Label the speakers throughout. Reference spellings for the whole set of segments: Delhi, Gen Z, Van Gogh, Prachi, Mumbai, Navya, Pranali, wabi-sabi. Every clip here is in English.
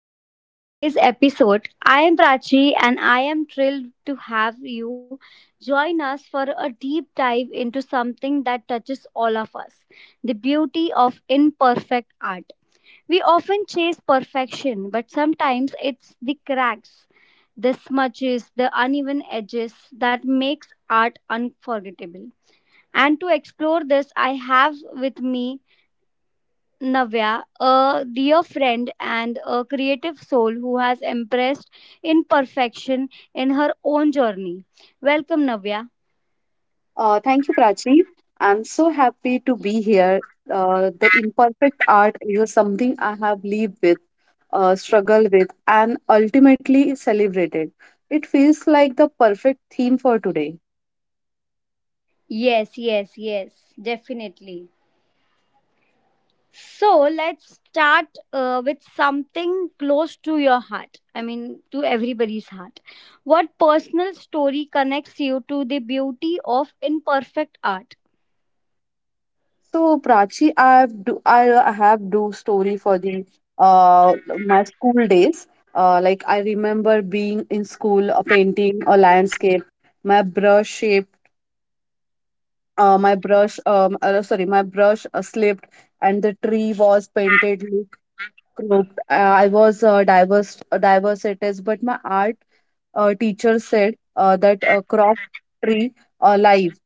Speaker 1: welcome to the today's episode. I am Prachi and I am thrilled to have you join us for a deep dive into something that touches all of us, the beauty of imperfect art. We often chase perfection, but sometimes it's the cracks, the smudges, the uneven edges that makes art unforgettable. And to explore this, I have with me Navya, a dear friend and a creative soul who has impressed imperfection in her own journey. Welcome, Navya.
Speaker 2: Thank you, Prachi. I'm so happy to be here. The imperfect art is something I have lived with, struggled with, and ultimately celebrated. It feels like the perfect theme for today.
Speaker 1: Yes, yes, yes, definitely. So let's start with something close to your heart. I mean, to everybody's heart. What personal story connects you to the beauty of imperfect art?
Speaker 2: So, Prachi, I have do story for the uh, my school days. Like I remember being in school, painting a landscape, my brush shape my brush sorry my brush slipped and the tree was painted look crooked I was diverse diverse it is, but my art teacher said that a crop tree alive.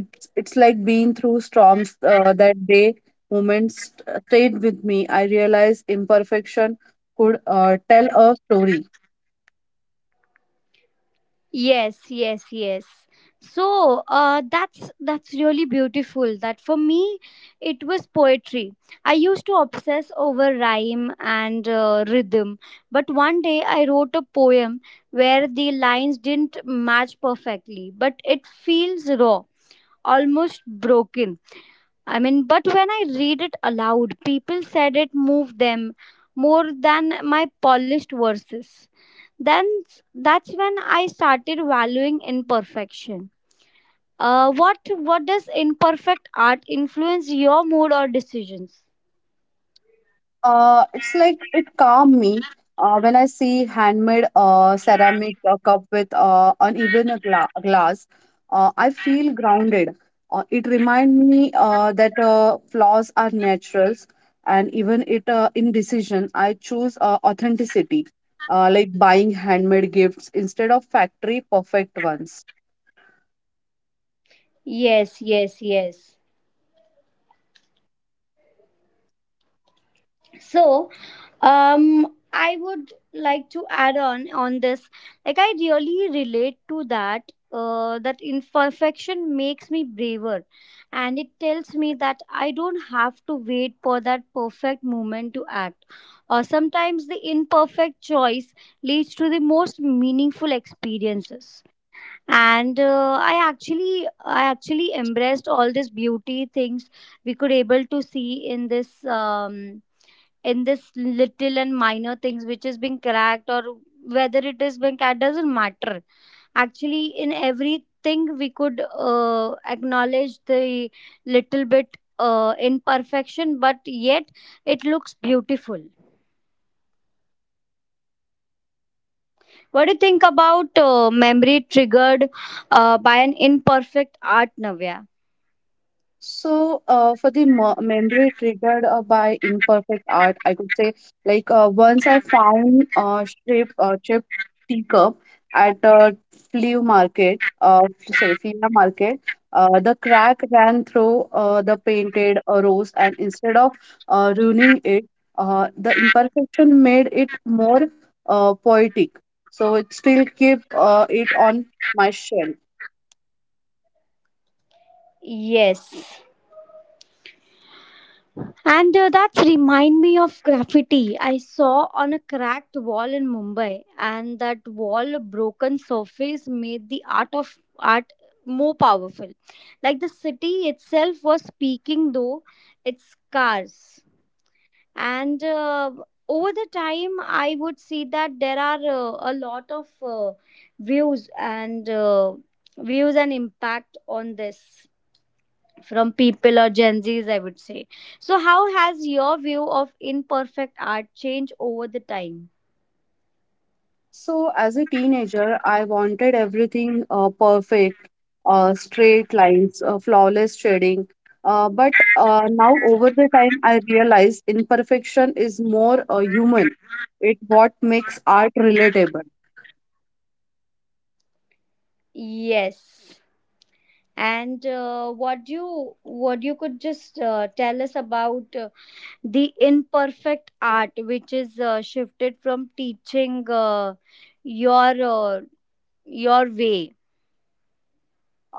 Speaker 2: It's like being through storms. That day moments stayed with me. I realized imperfection could tell a story.
Speaker 1: Yes, yes, yes. So that's really beautiful. That for me, it was poetry. I used to obsess over rhyme and rhythm, but one day I wrote a poem where the lines didn't match perfectly, but it feels raw, almost broken. I mean, but when I read it aloud, people said it moved them more than my polished verses then s- that's when I started valuing imperfection. What does imperfect art influence your mood or decisions?
Speaker 2: It's like it calmed me when I see handmade ceramic cup with uneven a glass. I feel grounded. It reminds me that flaws are naturals, and even it in decision, I choose authenticity, like buying handmade gifts instead of factory perfect ones.
Speaker 1: Yes, yes, yes. So, I would like to add on this. Like, I really relate to that. That imperfection makes me braver, and it tells me that I don't have to wait for that perfect moment to act. Or sometimes the imperfect choice leads to the most meaningful experiences. And I actually embraced all these beauty things we could able to see in this. In this little and minor things which is being cracked or whether it is being cracked doesn't matter, actually in everything we could acknowledge the little bit imperfection, but yet it looks beautiful. What do you think about memory triggered by an imperfect art, Navya?
Speaker 2: So, for the memory triggered by imperfect art, I could say, like, once I found a shape, chip teacup at a flea market, sorry, flea market. The crack ran through the painted rose, and instead of ruining it, the imperfection made it more poetic. So, it still keep it on my shelf.
Speaker 1: Yes. And that's remind me of graffiti I saw on a cracked wall in Mumbai, and that wall broken surface made the art of art more powerful. Like the city itself was speaking, though its scars. And over the time, I would see that there are a lot of views and impact on this from people or Gen Zs, I would say. So, how has your view of imperfect art changed over the time?
Speaker 2: So, as a teenager, I wanted everything perfect, straight lines, flawless shading. But now, over the time, I realized imperfection is more human. It what makes art relatable.
Speaker 1: Yes. And what you could just tell us about the imperfect art, which is shifted from teaching your uh, your way.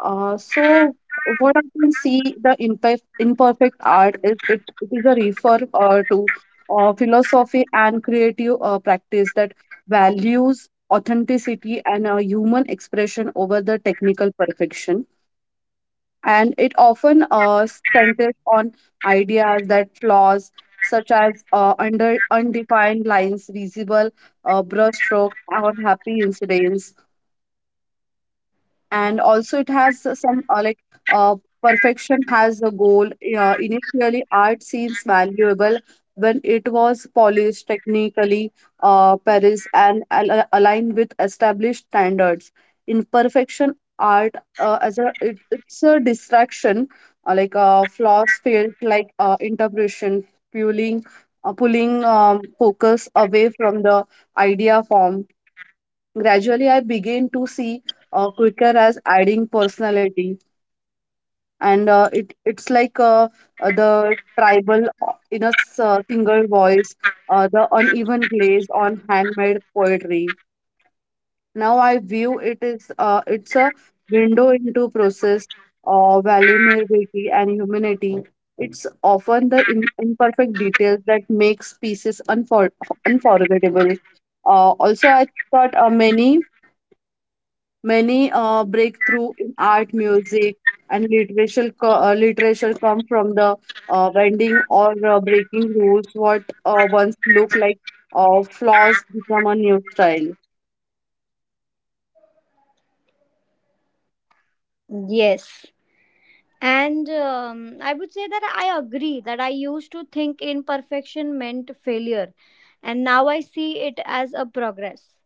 Speaker 2: So what I can see, the imperfect art is it, it is a refer to philosophy and creative practice that values authenticity and human expression over the technical perfection. And it often centers on ideas that flaws, such as under undefined lines, visible brushstroke, or happy incidents. And also, it has some uh, perfection has a goal. Initially, art seems valuable when it was polished technically, paris and aligned with established standards. Imperfection art as a it, it's a distraction, flaws felt like interpretation, fueling, pulling focus away from the idea form. Gradually, I began to see Quicker as adding personality, and it's like the tribal in a single voice, the uneven glaze on handmade poetry. Now I view it is it's a window into process, vulnerability and humanity. It's often the imperfect details that makes pieces unforgettable. Also, I thought Many breakthrough in art, music, and literature, literature come from the bending or breaking rules. What once looked like flaws become a new style.
Speaker 1: Yes. And I would say that I agree that I used to think imperfection meant failure, and now I see it as a progress.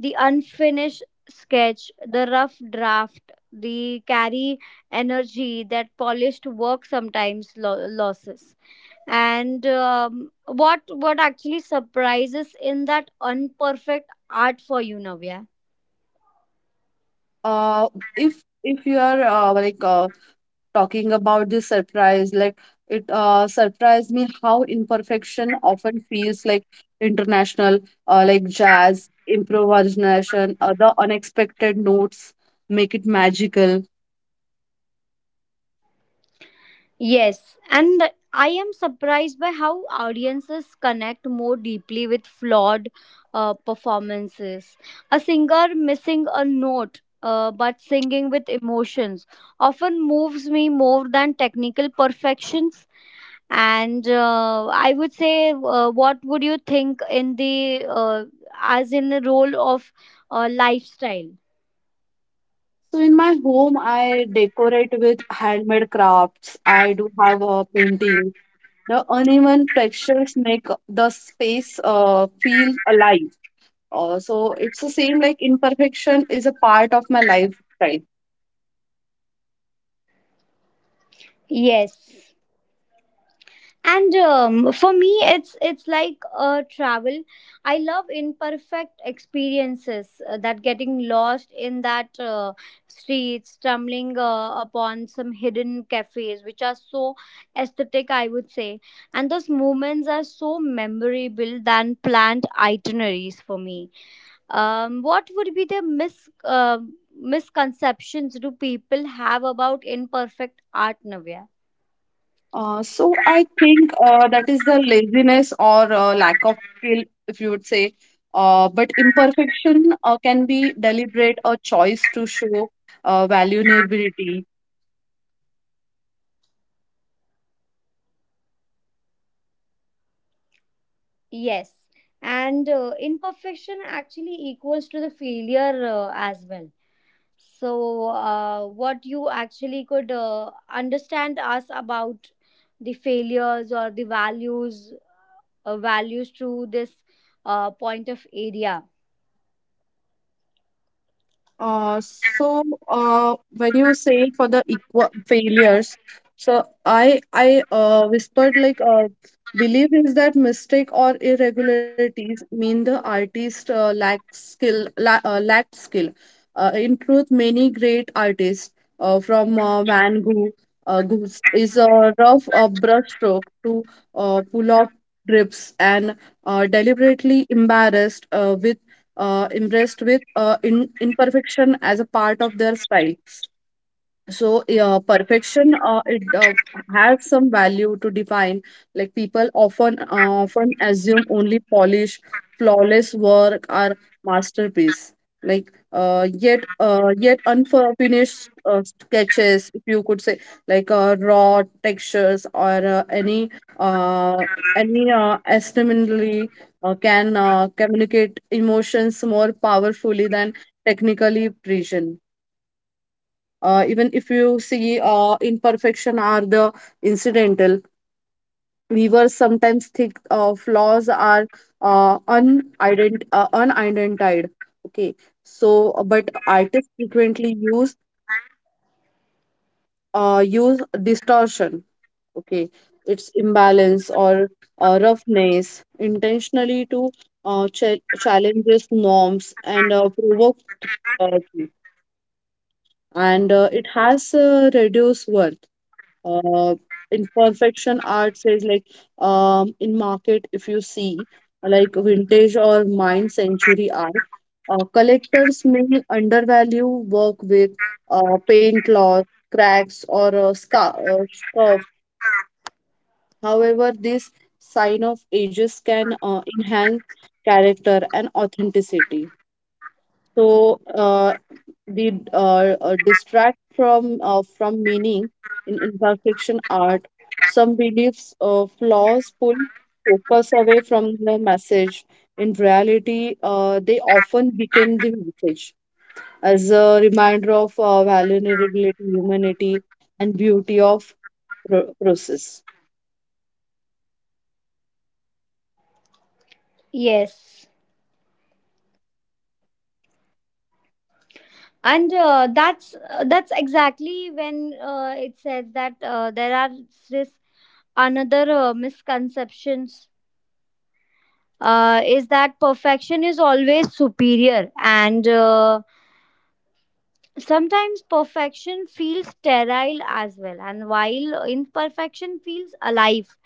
Speaker 1: The unfinished sketch, the rough draft, the carry energy that polished work sometimes losses. And what actually surprises in that unperfect art for you, Navya?
Speaker 2: Uh, if you are talking about this surprise, like it surprised me how imperfection often feels like international, like jazz improvisation, the unexpected notes make it magical.
Speaker 1: Yes, and I am surprised by how audiences connect more deeply with flawed performances. A singer missing a note but singing with emotions often moves me more than technical perfections. And I would say, what would you think in the as in the role of lifestyle?
Speaker 2: So in my home, I decorate with handmade crafts. I do have a painting. The uneven textures make the space feel alive. So it's the same, like imperfection is a part of my lifestyle.
Speaker 1: Yes. And for me it's like a travel. I love imperfect experiences, that getting lost in that streets, stumbling upon some hidden cafes which are so aesthetic, I would say, and those moments are so memorable than planned itineraries for me. What would be the misconceptions do people have about imperfect art, Navya?
Speaker 2: So I think that is the laziness or lack of skill, if you would say. But imperfection can be deliberate, a choice to show value.
Speaker 1: Yes, and imperfection actually equals to the failure as well. So, what you actually could understand us about the failures or the values, values through this point of area.
Speaker 2: So when you say for the equal failures, so I whispered like believe is that mistake or irregularities mean the artist lacked skill. In truth, many great artists, from Van Gogh, Gogh's is a rough brushstroke to pull off drips and deliberately embarrassed with impressed with in imperfection as a part of their style. So yeah, perfection it has some value to define. Like people often, assume only polished flawless work are masterpiece, yet unfinished sketches, if you could say, raw textures or uh, any estimatingly can communicate emotions more powerfully than technically precision. Even if you see imperfection are the incidental weavers sometimes think flaws are unidentified. Okay. But artists frequently use distortion. Okay. Its imbalance or roughness intentionally to challenges norms and provoke. Uh, and It has reduced work. uh, in perfection art says, like in market, if you see, like vintage or mine century art, collectors may undervalue work with paint loss, cracks or a scuff. However, this sign of ages can enhance character and authenticity. So did Distract from meaning in imperfection art. Some beliefs flaws pull focus away from the message. In reality, they often became the message as a reminder of vulnerability, humanity, and beauty of process.
Speaker 1: Yes, and that's exactly when it says that there are this another misconceptions is that perfection is always superior, and sometimes perfection feels sterile as well, and while imperfection feels alive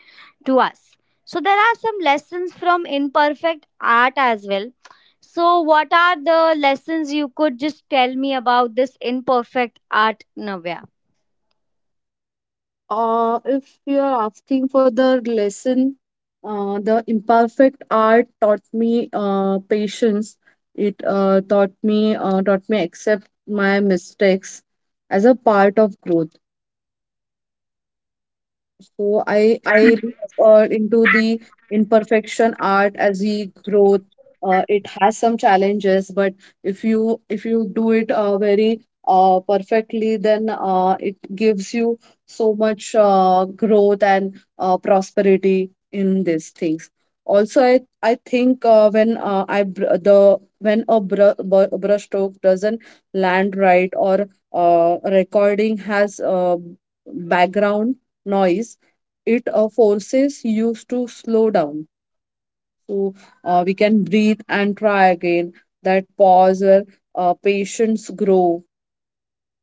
Speaker 1: to us. So there are some lessons from imperfect art as well. So what are the lessons you could just tell me about this imperfect art, Navya?
Speaker 2: If you are asking for the lesson, the imperfect art taught me patience. It taught me accept my mistakes as a part of growth. So I look into the imperfection art as the growth. It has some challenges, but if you do it very perfectly, then it gives you so much growth and prosperity in these things. Also, I think when I br- the when a br- br- brush stroke doesn't land right, or recording has background noise, it forces you to slow down, so we can breathe and try again. That pause where uh, patience grow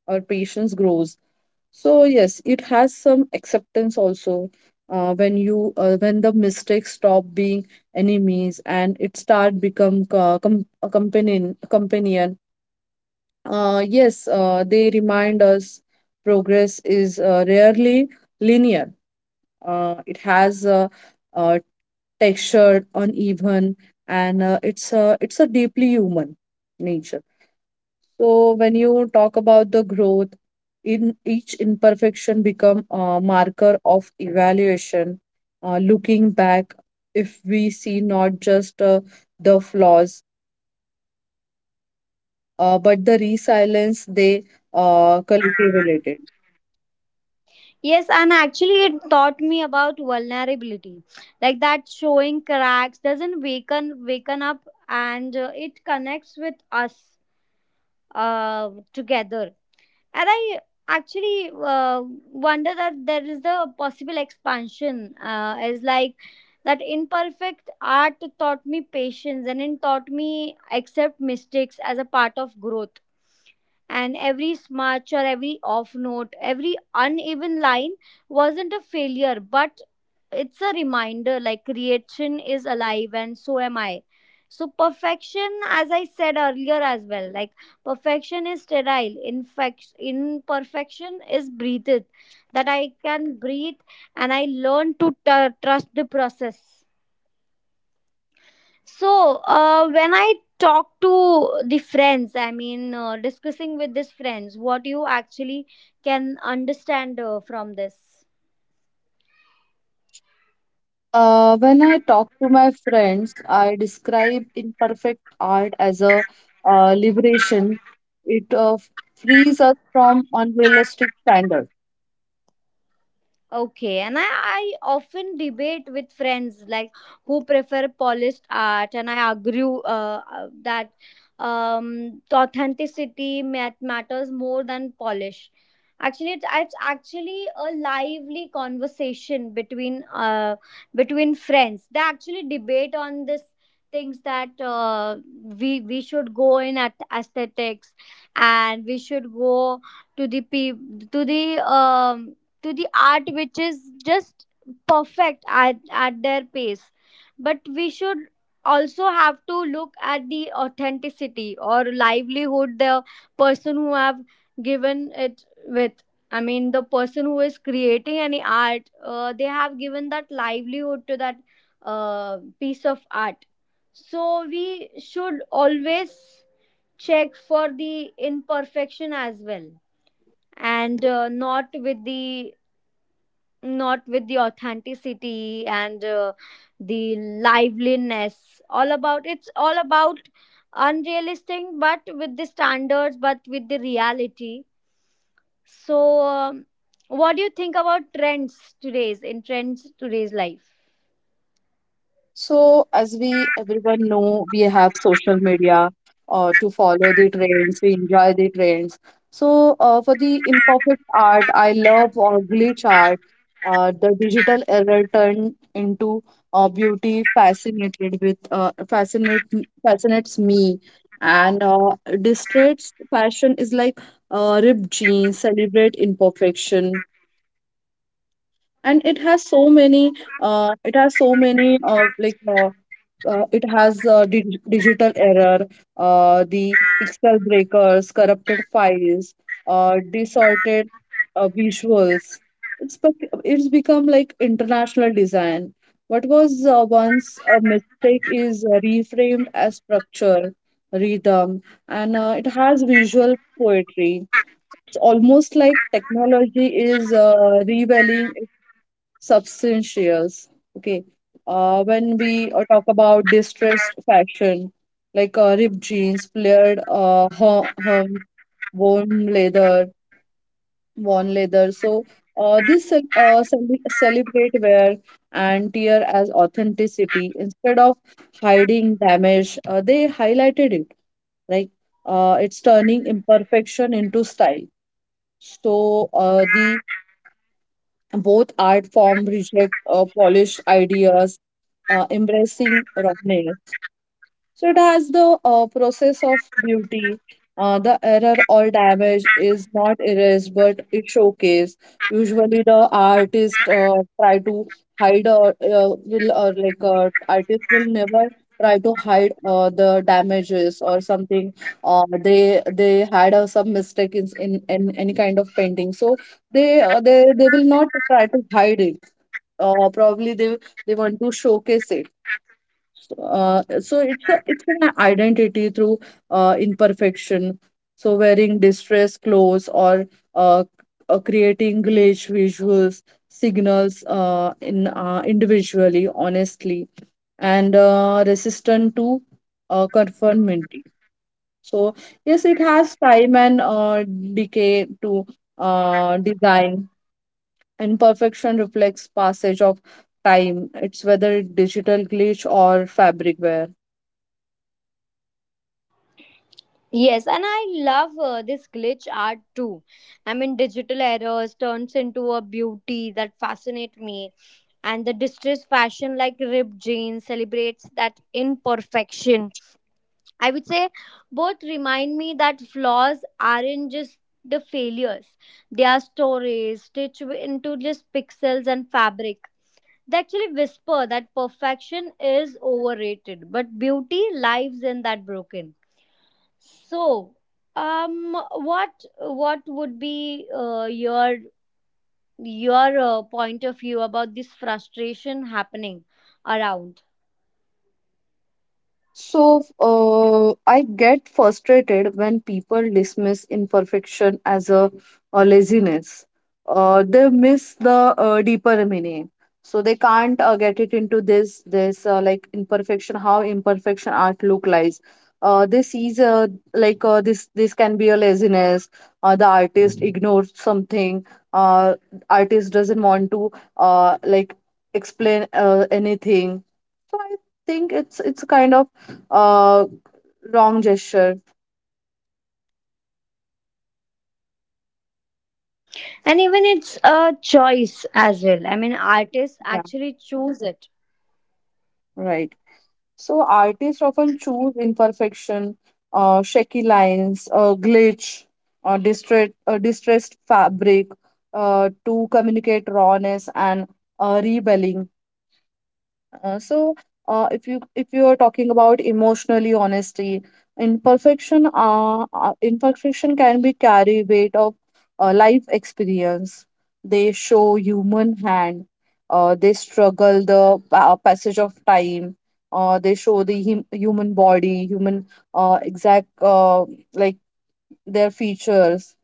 Speaker 2: patience grows. So yes, it has some acceptance also, when the mistakes stop being enemies and it start become a companion. Yes, they remind us progress is rarely linear. It has a textured, uneven, and it's a deeply human nature. So when you talk about the growth, in each imperfection become a marker of evaluation. Looking back, if we see not just the flaws, but the resilience they cultivated.
Speaker 1: Yes, and actually, it taught me about vulnerability, like that showing cracks doesn't waken up, and it connects with us together. And I actually wonder that there is the possible expansion as like that imperfect art taught me patience and it taught me accept mistakes as a part of growth. And every smudge or every off note, every uneven line wasn't a failure, but it's a reminder like creation is alive and so am I. So perfection, as I said earlier as well, like, perfection is sterile. Imperfection is breathed. That I can breathe and I learn to trust the process. So, when I talk to the friends, I mean, discussing with these friends, what you actually can understand from this.
Speaker 2: When I talk to my friends, I describe imperfect art as a liberation. It frees us from unrealistic standards.
Speaker 1: Okay, and I often debate with friends like who prefer polished art, and I argue that the authenticity matters more than polish. Actually, it's actually a lively conversation between between friends. They actually debate on this things that we should go in at aesthetics, and we should go to the to the um, art which is just perfect at their pace, but we should also have to look at the authenticity or livelihood the person who have given it with. I mean the person who is creating any art, they have given that livelihood to that piece of art. So we should always check for the imperfection as well, and not with the authenticity and the liveliness. All about, it's all about unrealistic but with the standards, but with the reality. So what do you think about trends today's in trends today's life?
Speaker 2: So, as we everyone know, we have social media to follow the trends, we enjoy the trends. So, for the imperfect art, I love glitch art. The digital error turned into beauty, fascinated with fascinates me, and distress fashion is like ripped jeans, celebrate imperfection. And it has so many, it has so many like it has dig- digital error, the pixel breakers, corrupted files, distorted visuals. It's become like international design. What was once a mistake is reframed as structure, rhythm, and it has visual poetry. It's almost like technology is revealing substantials. Okay. When we talk about distressed fashion, like ripped jeans, flared worn leather, worn leather. So this celebrate wear and tear as authenticity instead of hiding damage. They highlighted it, like it's turning imperfection into style. The both art form reject polished ideas, embracing rawness. So it has the process of beauty. The error or damage is not erased, but it showcased. Usually, the artist try to hide, or artist will never try to hide the damages or something. They had some mistake in any kind of painting, so they will not try to hide it. Probably they want to showcase it. So, it's a, it's an identity through imperfection. So wearing distressed clothes or uh, creating glitch visuals signals in individually, honestly, and resistant to conformity. So yes, it has time and decay to design. And perfection reflects passage of time. It's whether digital glitch or fabric wear.
Speaker 1: Yes, and I love this glitch art too. I mean digital errors turns into a beauty that fascinate me, and the distressed fashion like ripped jeans celebrates that imperfection, I would say. Both remind me that flaws aren't just the failures, they are stories stitched into just pixels and fabric. They actually whisper that perfection is overrated, but beauty lives in that broken. So, what would be your point of view about this frustration happening around?
Speaker 2: So, I get frustrated when people dismiss imperfection as a laziness. They miss the deeper meaning. So they can't get it into this like imperfection, how imperfection art look like. This is like this this can be a laziness. The artist ignores something. Uh, Artist doesn't want to uh, like explain anything. So I think it's a kind of uh, wrong gesture.
Speaker 1: And even it's a choice as well. I mean, artists
Speaker 2: Yeah,
Speaker 1: actually choose it.
Speaker 2: right. So artists often choose imperfection, shaky lines, glitch, distressed fabric to communicate rawness and rebelling. Uh, so, if you are talking about emotionally honesty, imperfection can be carry weight of life experience. They show human hand. They struggle the passage of time. They show the human body, human exact like their features.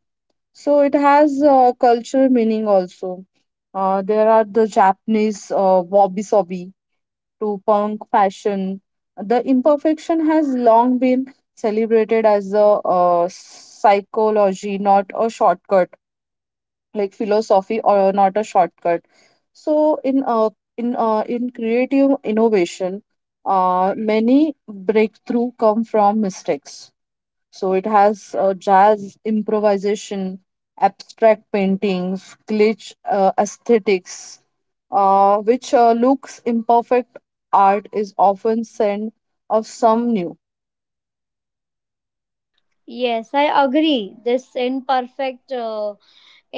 Speaker 2: So it has cultural meaning also. There are the Japanese wabi-sabi to punk fashion. The imperfection has long been celebrated as a psychology, not a shortcut, like philosophy or not a shortcut. So in creative innovation, many breakthrough come from mistakes. So it has jazz improvisation, abstract paintings, glitch aesthetics, which looks imperfect art is often sent of some new.
Speaker 1: Yes, I agree. This imperfect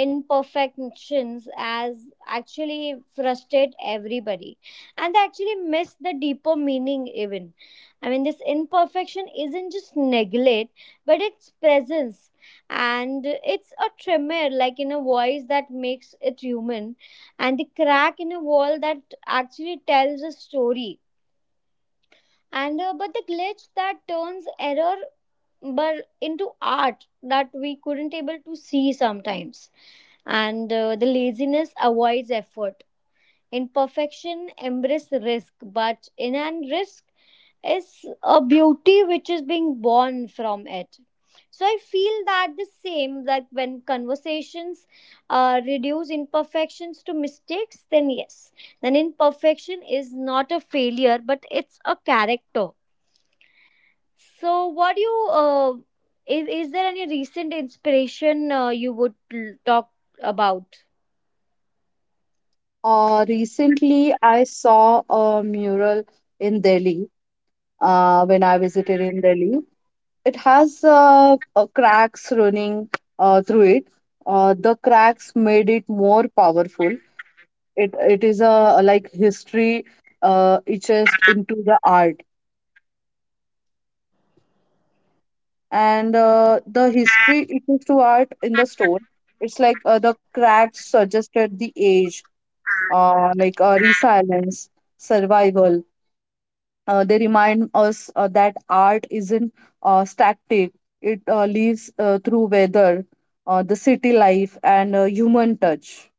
Speaker 1: imperfections as actually frustrate everybody, and they actually miss the deeper meaning. Even, I mean, this imperfection isn't just neglect, but it's presence, and it's a tremor, like in a voice that makes it human, and the crack in a wall that actually tells a story. And but the glitch that turns error but into art that we couldn't able to see sometimes, and the laziness avoids effort. Imperfection embrace risk, but in and risk is a beauty which is being born from it. So I feel that the same, that when conversations reduce imperfections to mistakes, then yes, then imperfection is not a failure but it's a character. So, what do you is there any recent inspiration you would talk about?
Speaker 2: Recently, I saw a mural in Delhi when I visited in Delhi. It has cracks running through it. The cracks made it more powerful, it is a like history etched into the art, and the history etched to art in the stone. It's like the cracks suggested the age, resilience, survival. They remind us that art isn't static. It lives through weather, the city life, and human touch.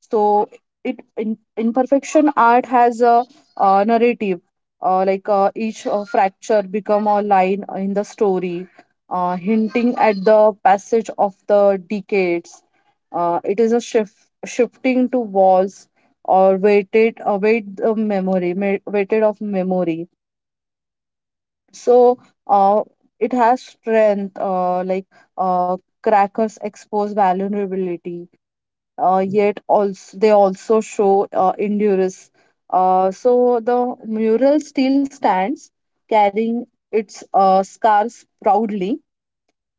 Speaker 2: So imperfection art has a narrative. Each fracture become a line in the story, hinting at the passage of the decades. It is a shifting to walls, or weighted weight the memory ma- weighted of memory. So, uh, it has strength, uh, crackers expose vulnerability, yet also they also show endurance. So the mural still stands, carrying its scars proudly,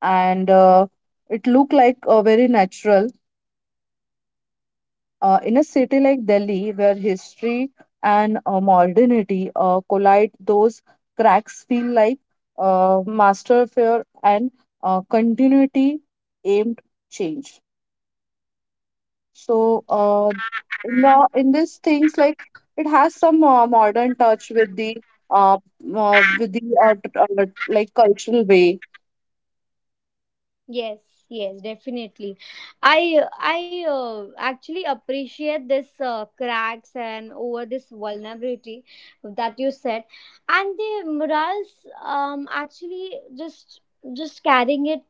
Speaker 2: and it looked like very natural in a city like Delhi, where history and modernity collide. Those cracks feel like master fear and continuity aimed change. So, in these things, like it has some modern touch with the uh, uh with the uh, t- like cultural way.
Speaker 1: Yes, yes, definitely. I actually appreciate this cracks and over this vulnerability that you said, and the murals. Actually just just carrying it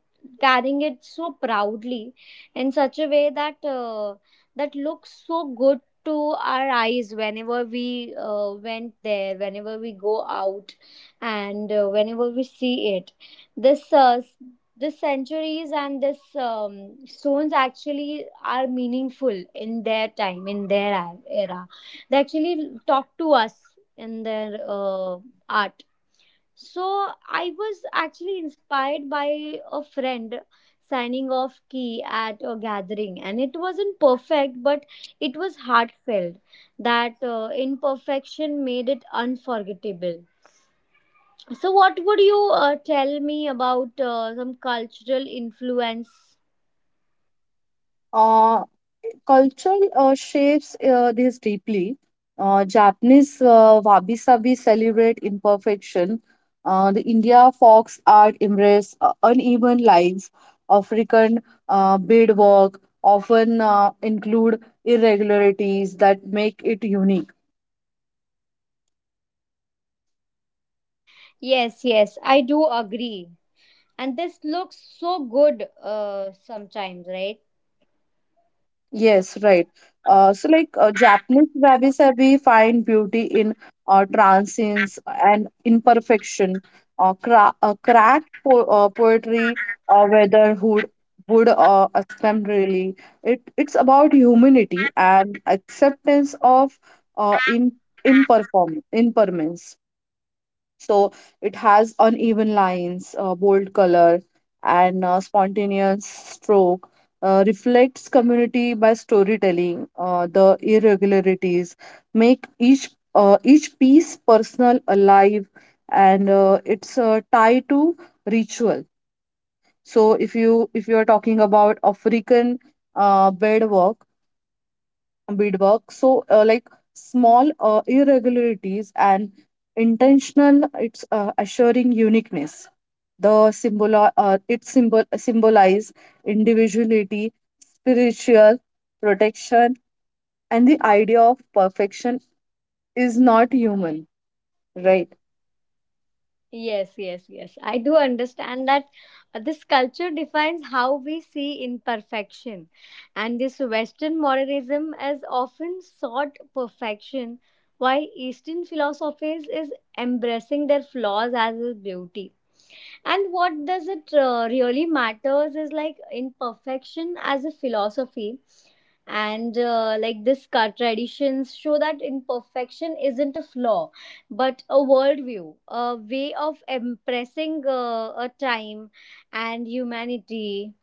Speaker 1: carrying it so proudly, in such a way that that looks so good to our eyes whenever we went there, whenever we go out, and whenever we see it. This the centuries and this stones actually are meaningful in their time, in their era. They actually talk to us in their art. So I was actually inspired by a friend signing off key at a gathering, and it wasn't perfect but it was heartfelt. That imperfection made it unforgettable. So, what would you tell me about some cultural influence?
Speaker 2: Uh, Culture shapes this deeply. Japanese wabi sabi celebrate imperfection. The India fox art embrace uneven lines. African beadwork often include irregularities that make it unique.
Speaker 1: Yes, yes, I do agree. And this looks so good sometimes, right?
Speaker 2: Yes, right. Japanese wabi sabi find beauty in transience and imperfection, cra cracked po poetry, whether would attempt really. It's about humanity and acceptance of in imperform impermanence. So it has uneven lines, bold color, and spontaneous stroke. Reflects community by storytelling. The irregularities make each piece personal, alive, and it's tied to ritual. So if you are talking about African uh, bedwork, beadwork. So, like small irregularities and intentional, it's assuring uniqueness. The symbol symbolize individuality, spiritual protection, and the idea of perfection is not human, right?
Speaker 1: Yes, yes, yes. I do understand that this culture defines how we see imperfection. And this Western modernism has often sought perfection, while Eastern philosophies is embracing their flaws as a beauty. And what does it really matters is like imperfection as a philosophy. And like this cult traditions show that imperfection isn't a flaw but a worldview, a way of impressing a time and humanity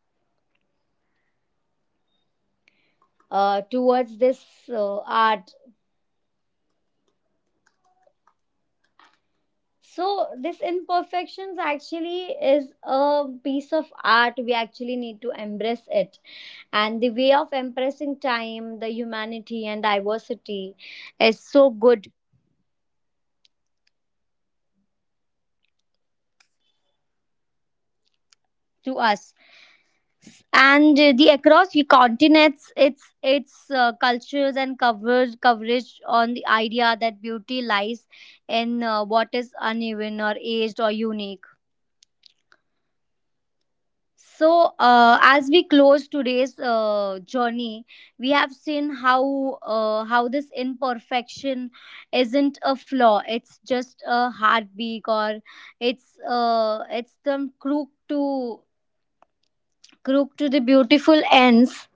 Speaker 1: towards this art.
Speaker 2: Yes, right, right.
Speaker 1: So, this imperfections actually is a piece of art. We actually need to embrace
Speaker 2: So
Speaker 1: it.
Speaker 2: what we can
Speaker 1: And
Speaker 2: say
Speaker 1: the way
Speaker 2: is,
Speaker 1: of
Speaker 2: uh,
Speaker 1: embracing
Speaker 2: it's it's
Speaker 1: time, the humanity,
Speaker 2: unbreakable,
Speaker 1: and
Speaker 2: right?
Speaker 1: diversity
Speaker 2: It's very
Speaker 1: is so
Speaker 2: like
Speaker 1: good
Speaker 2: aesthetic
Speaker 1: to us. And the across the continents its cultures and coverage on the idea that beauty lies in what is uneven or aged or unique. So as we close today's journey, we have seen how this imperfection isn't a flaw, it's just a heartbeat, or it's the crook to the beautiful ends,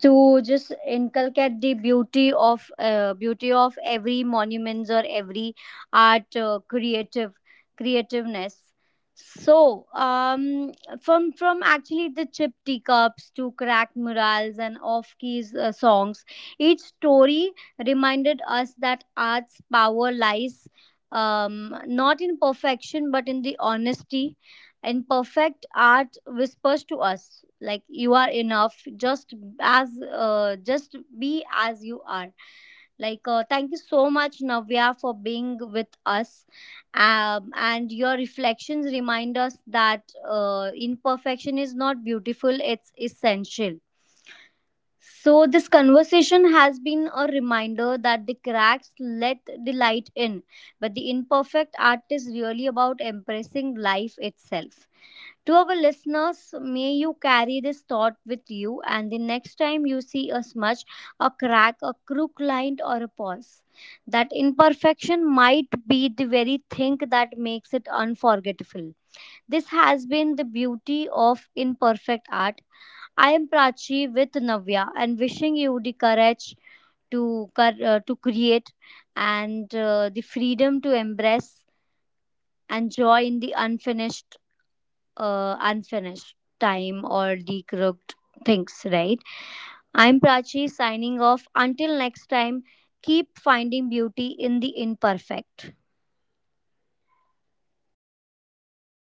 Speaker 1: to just inculcate the beauty of every monuments or every art, creativeness. So from actually the chipped teacups to cracked murals and off keys songs, each story reminded us that art's power lies, um not in perfection but in the honesty. And perfect art whispers to us like you are enough. Just as, just be as you are. Like, thank you so much Navya for being with us. And your reflections remind us that imperfection is not beautiful, it's essential. So this conversation has been a reminder that the cracks let the light in, but the imperfect art is really about embracing life itself. To our listeners, may you carry this thought with you, and the next time you see a smudge, a crack, a crook line, or a pause, that imperfection might be the very thing that makes it unforgettable. This has been the beauty of imperfect art. I am Prachi with Navya, and wishing you the courage to, to create, and the freedom to embrace, and joy in the unfinished time or decrooked things, right? I'm Prachi signing off. Until next time, keep finding beauty in the imperfect.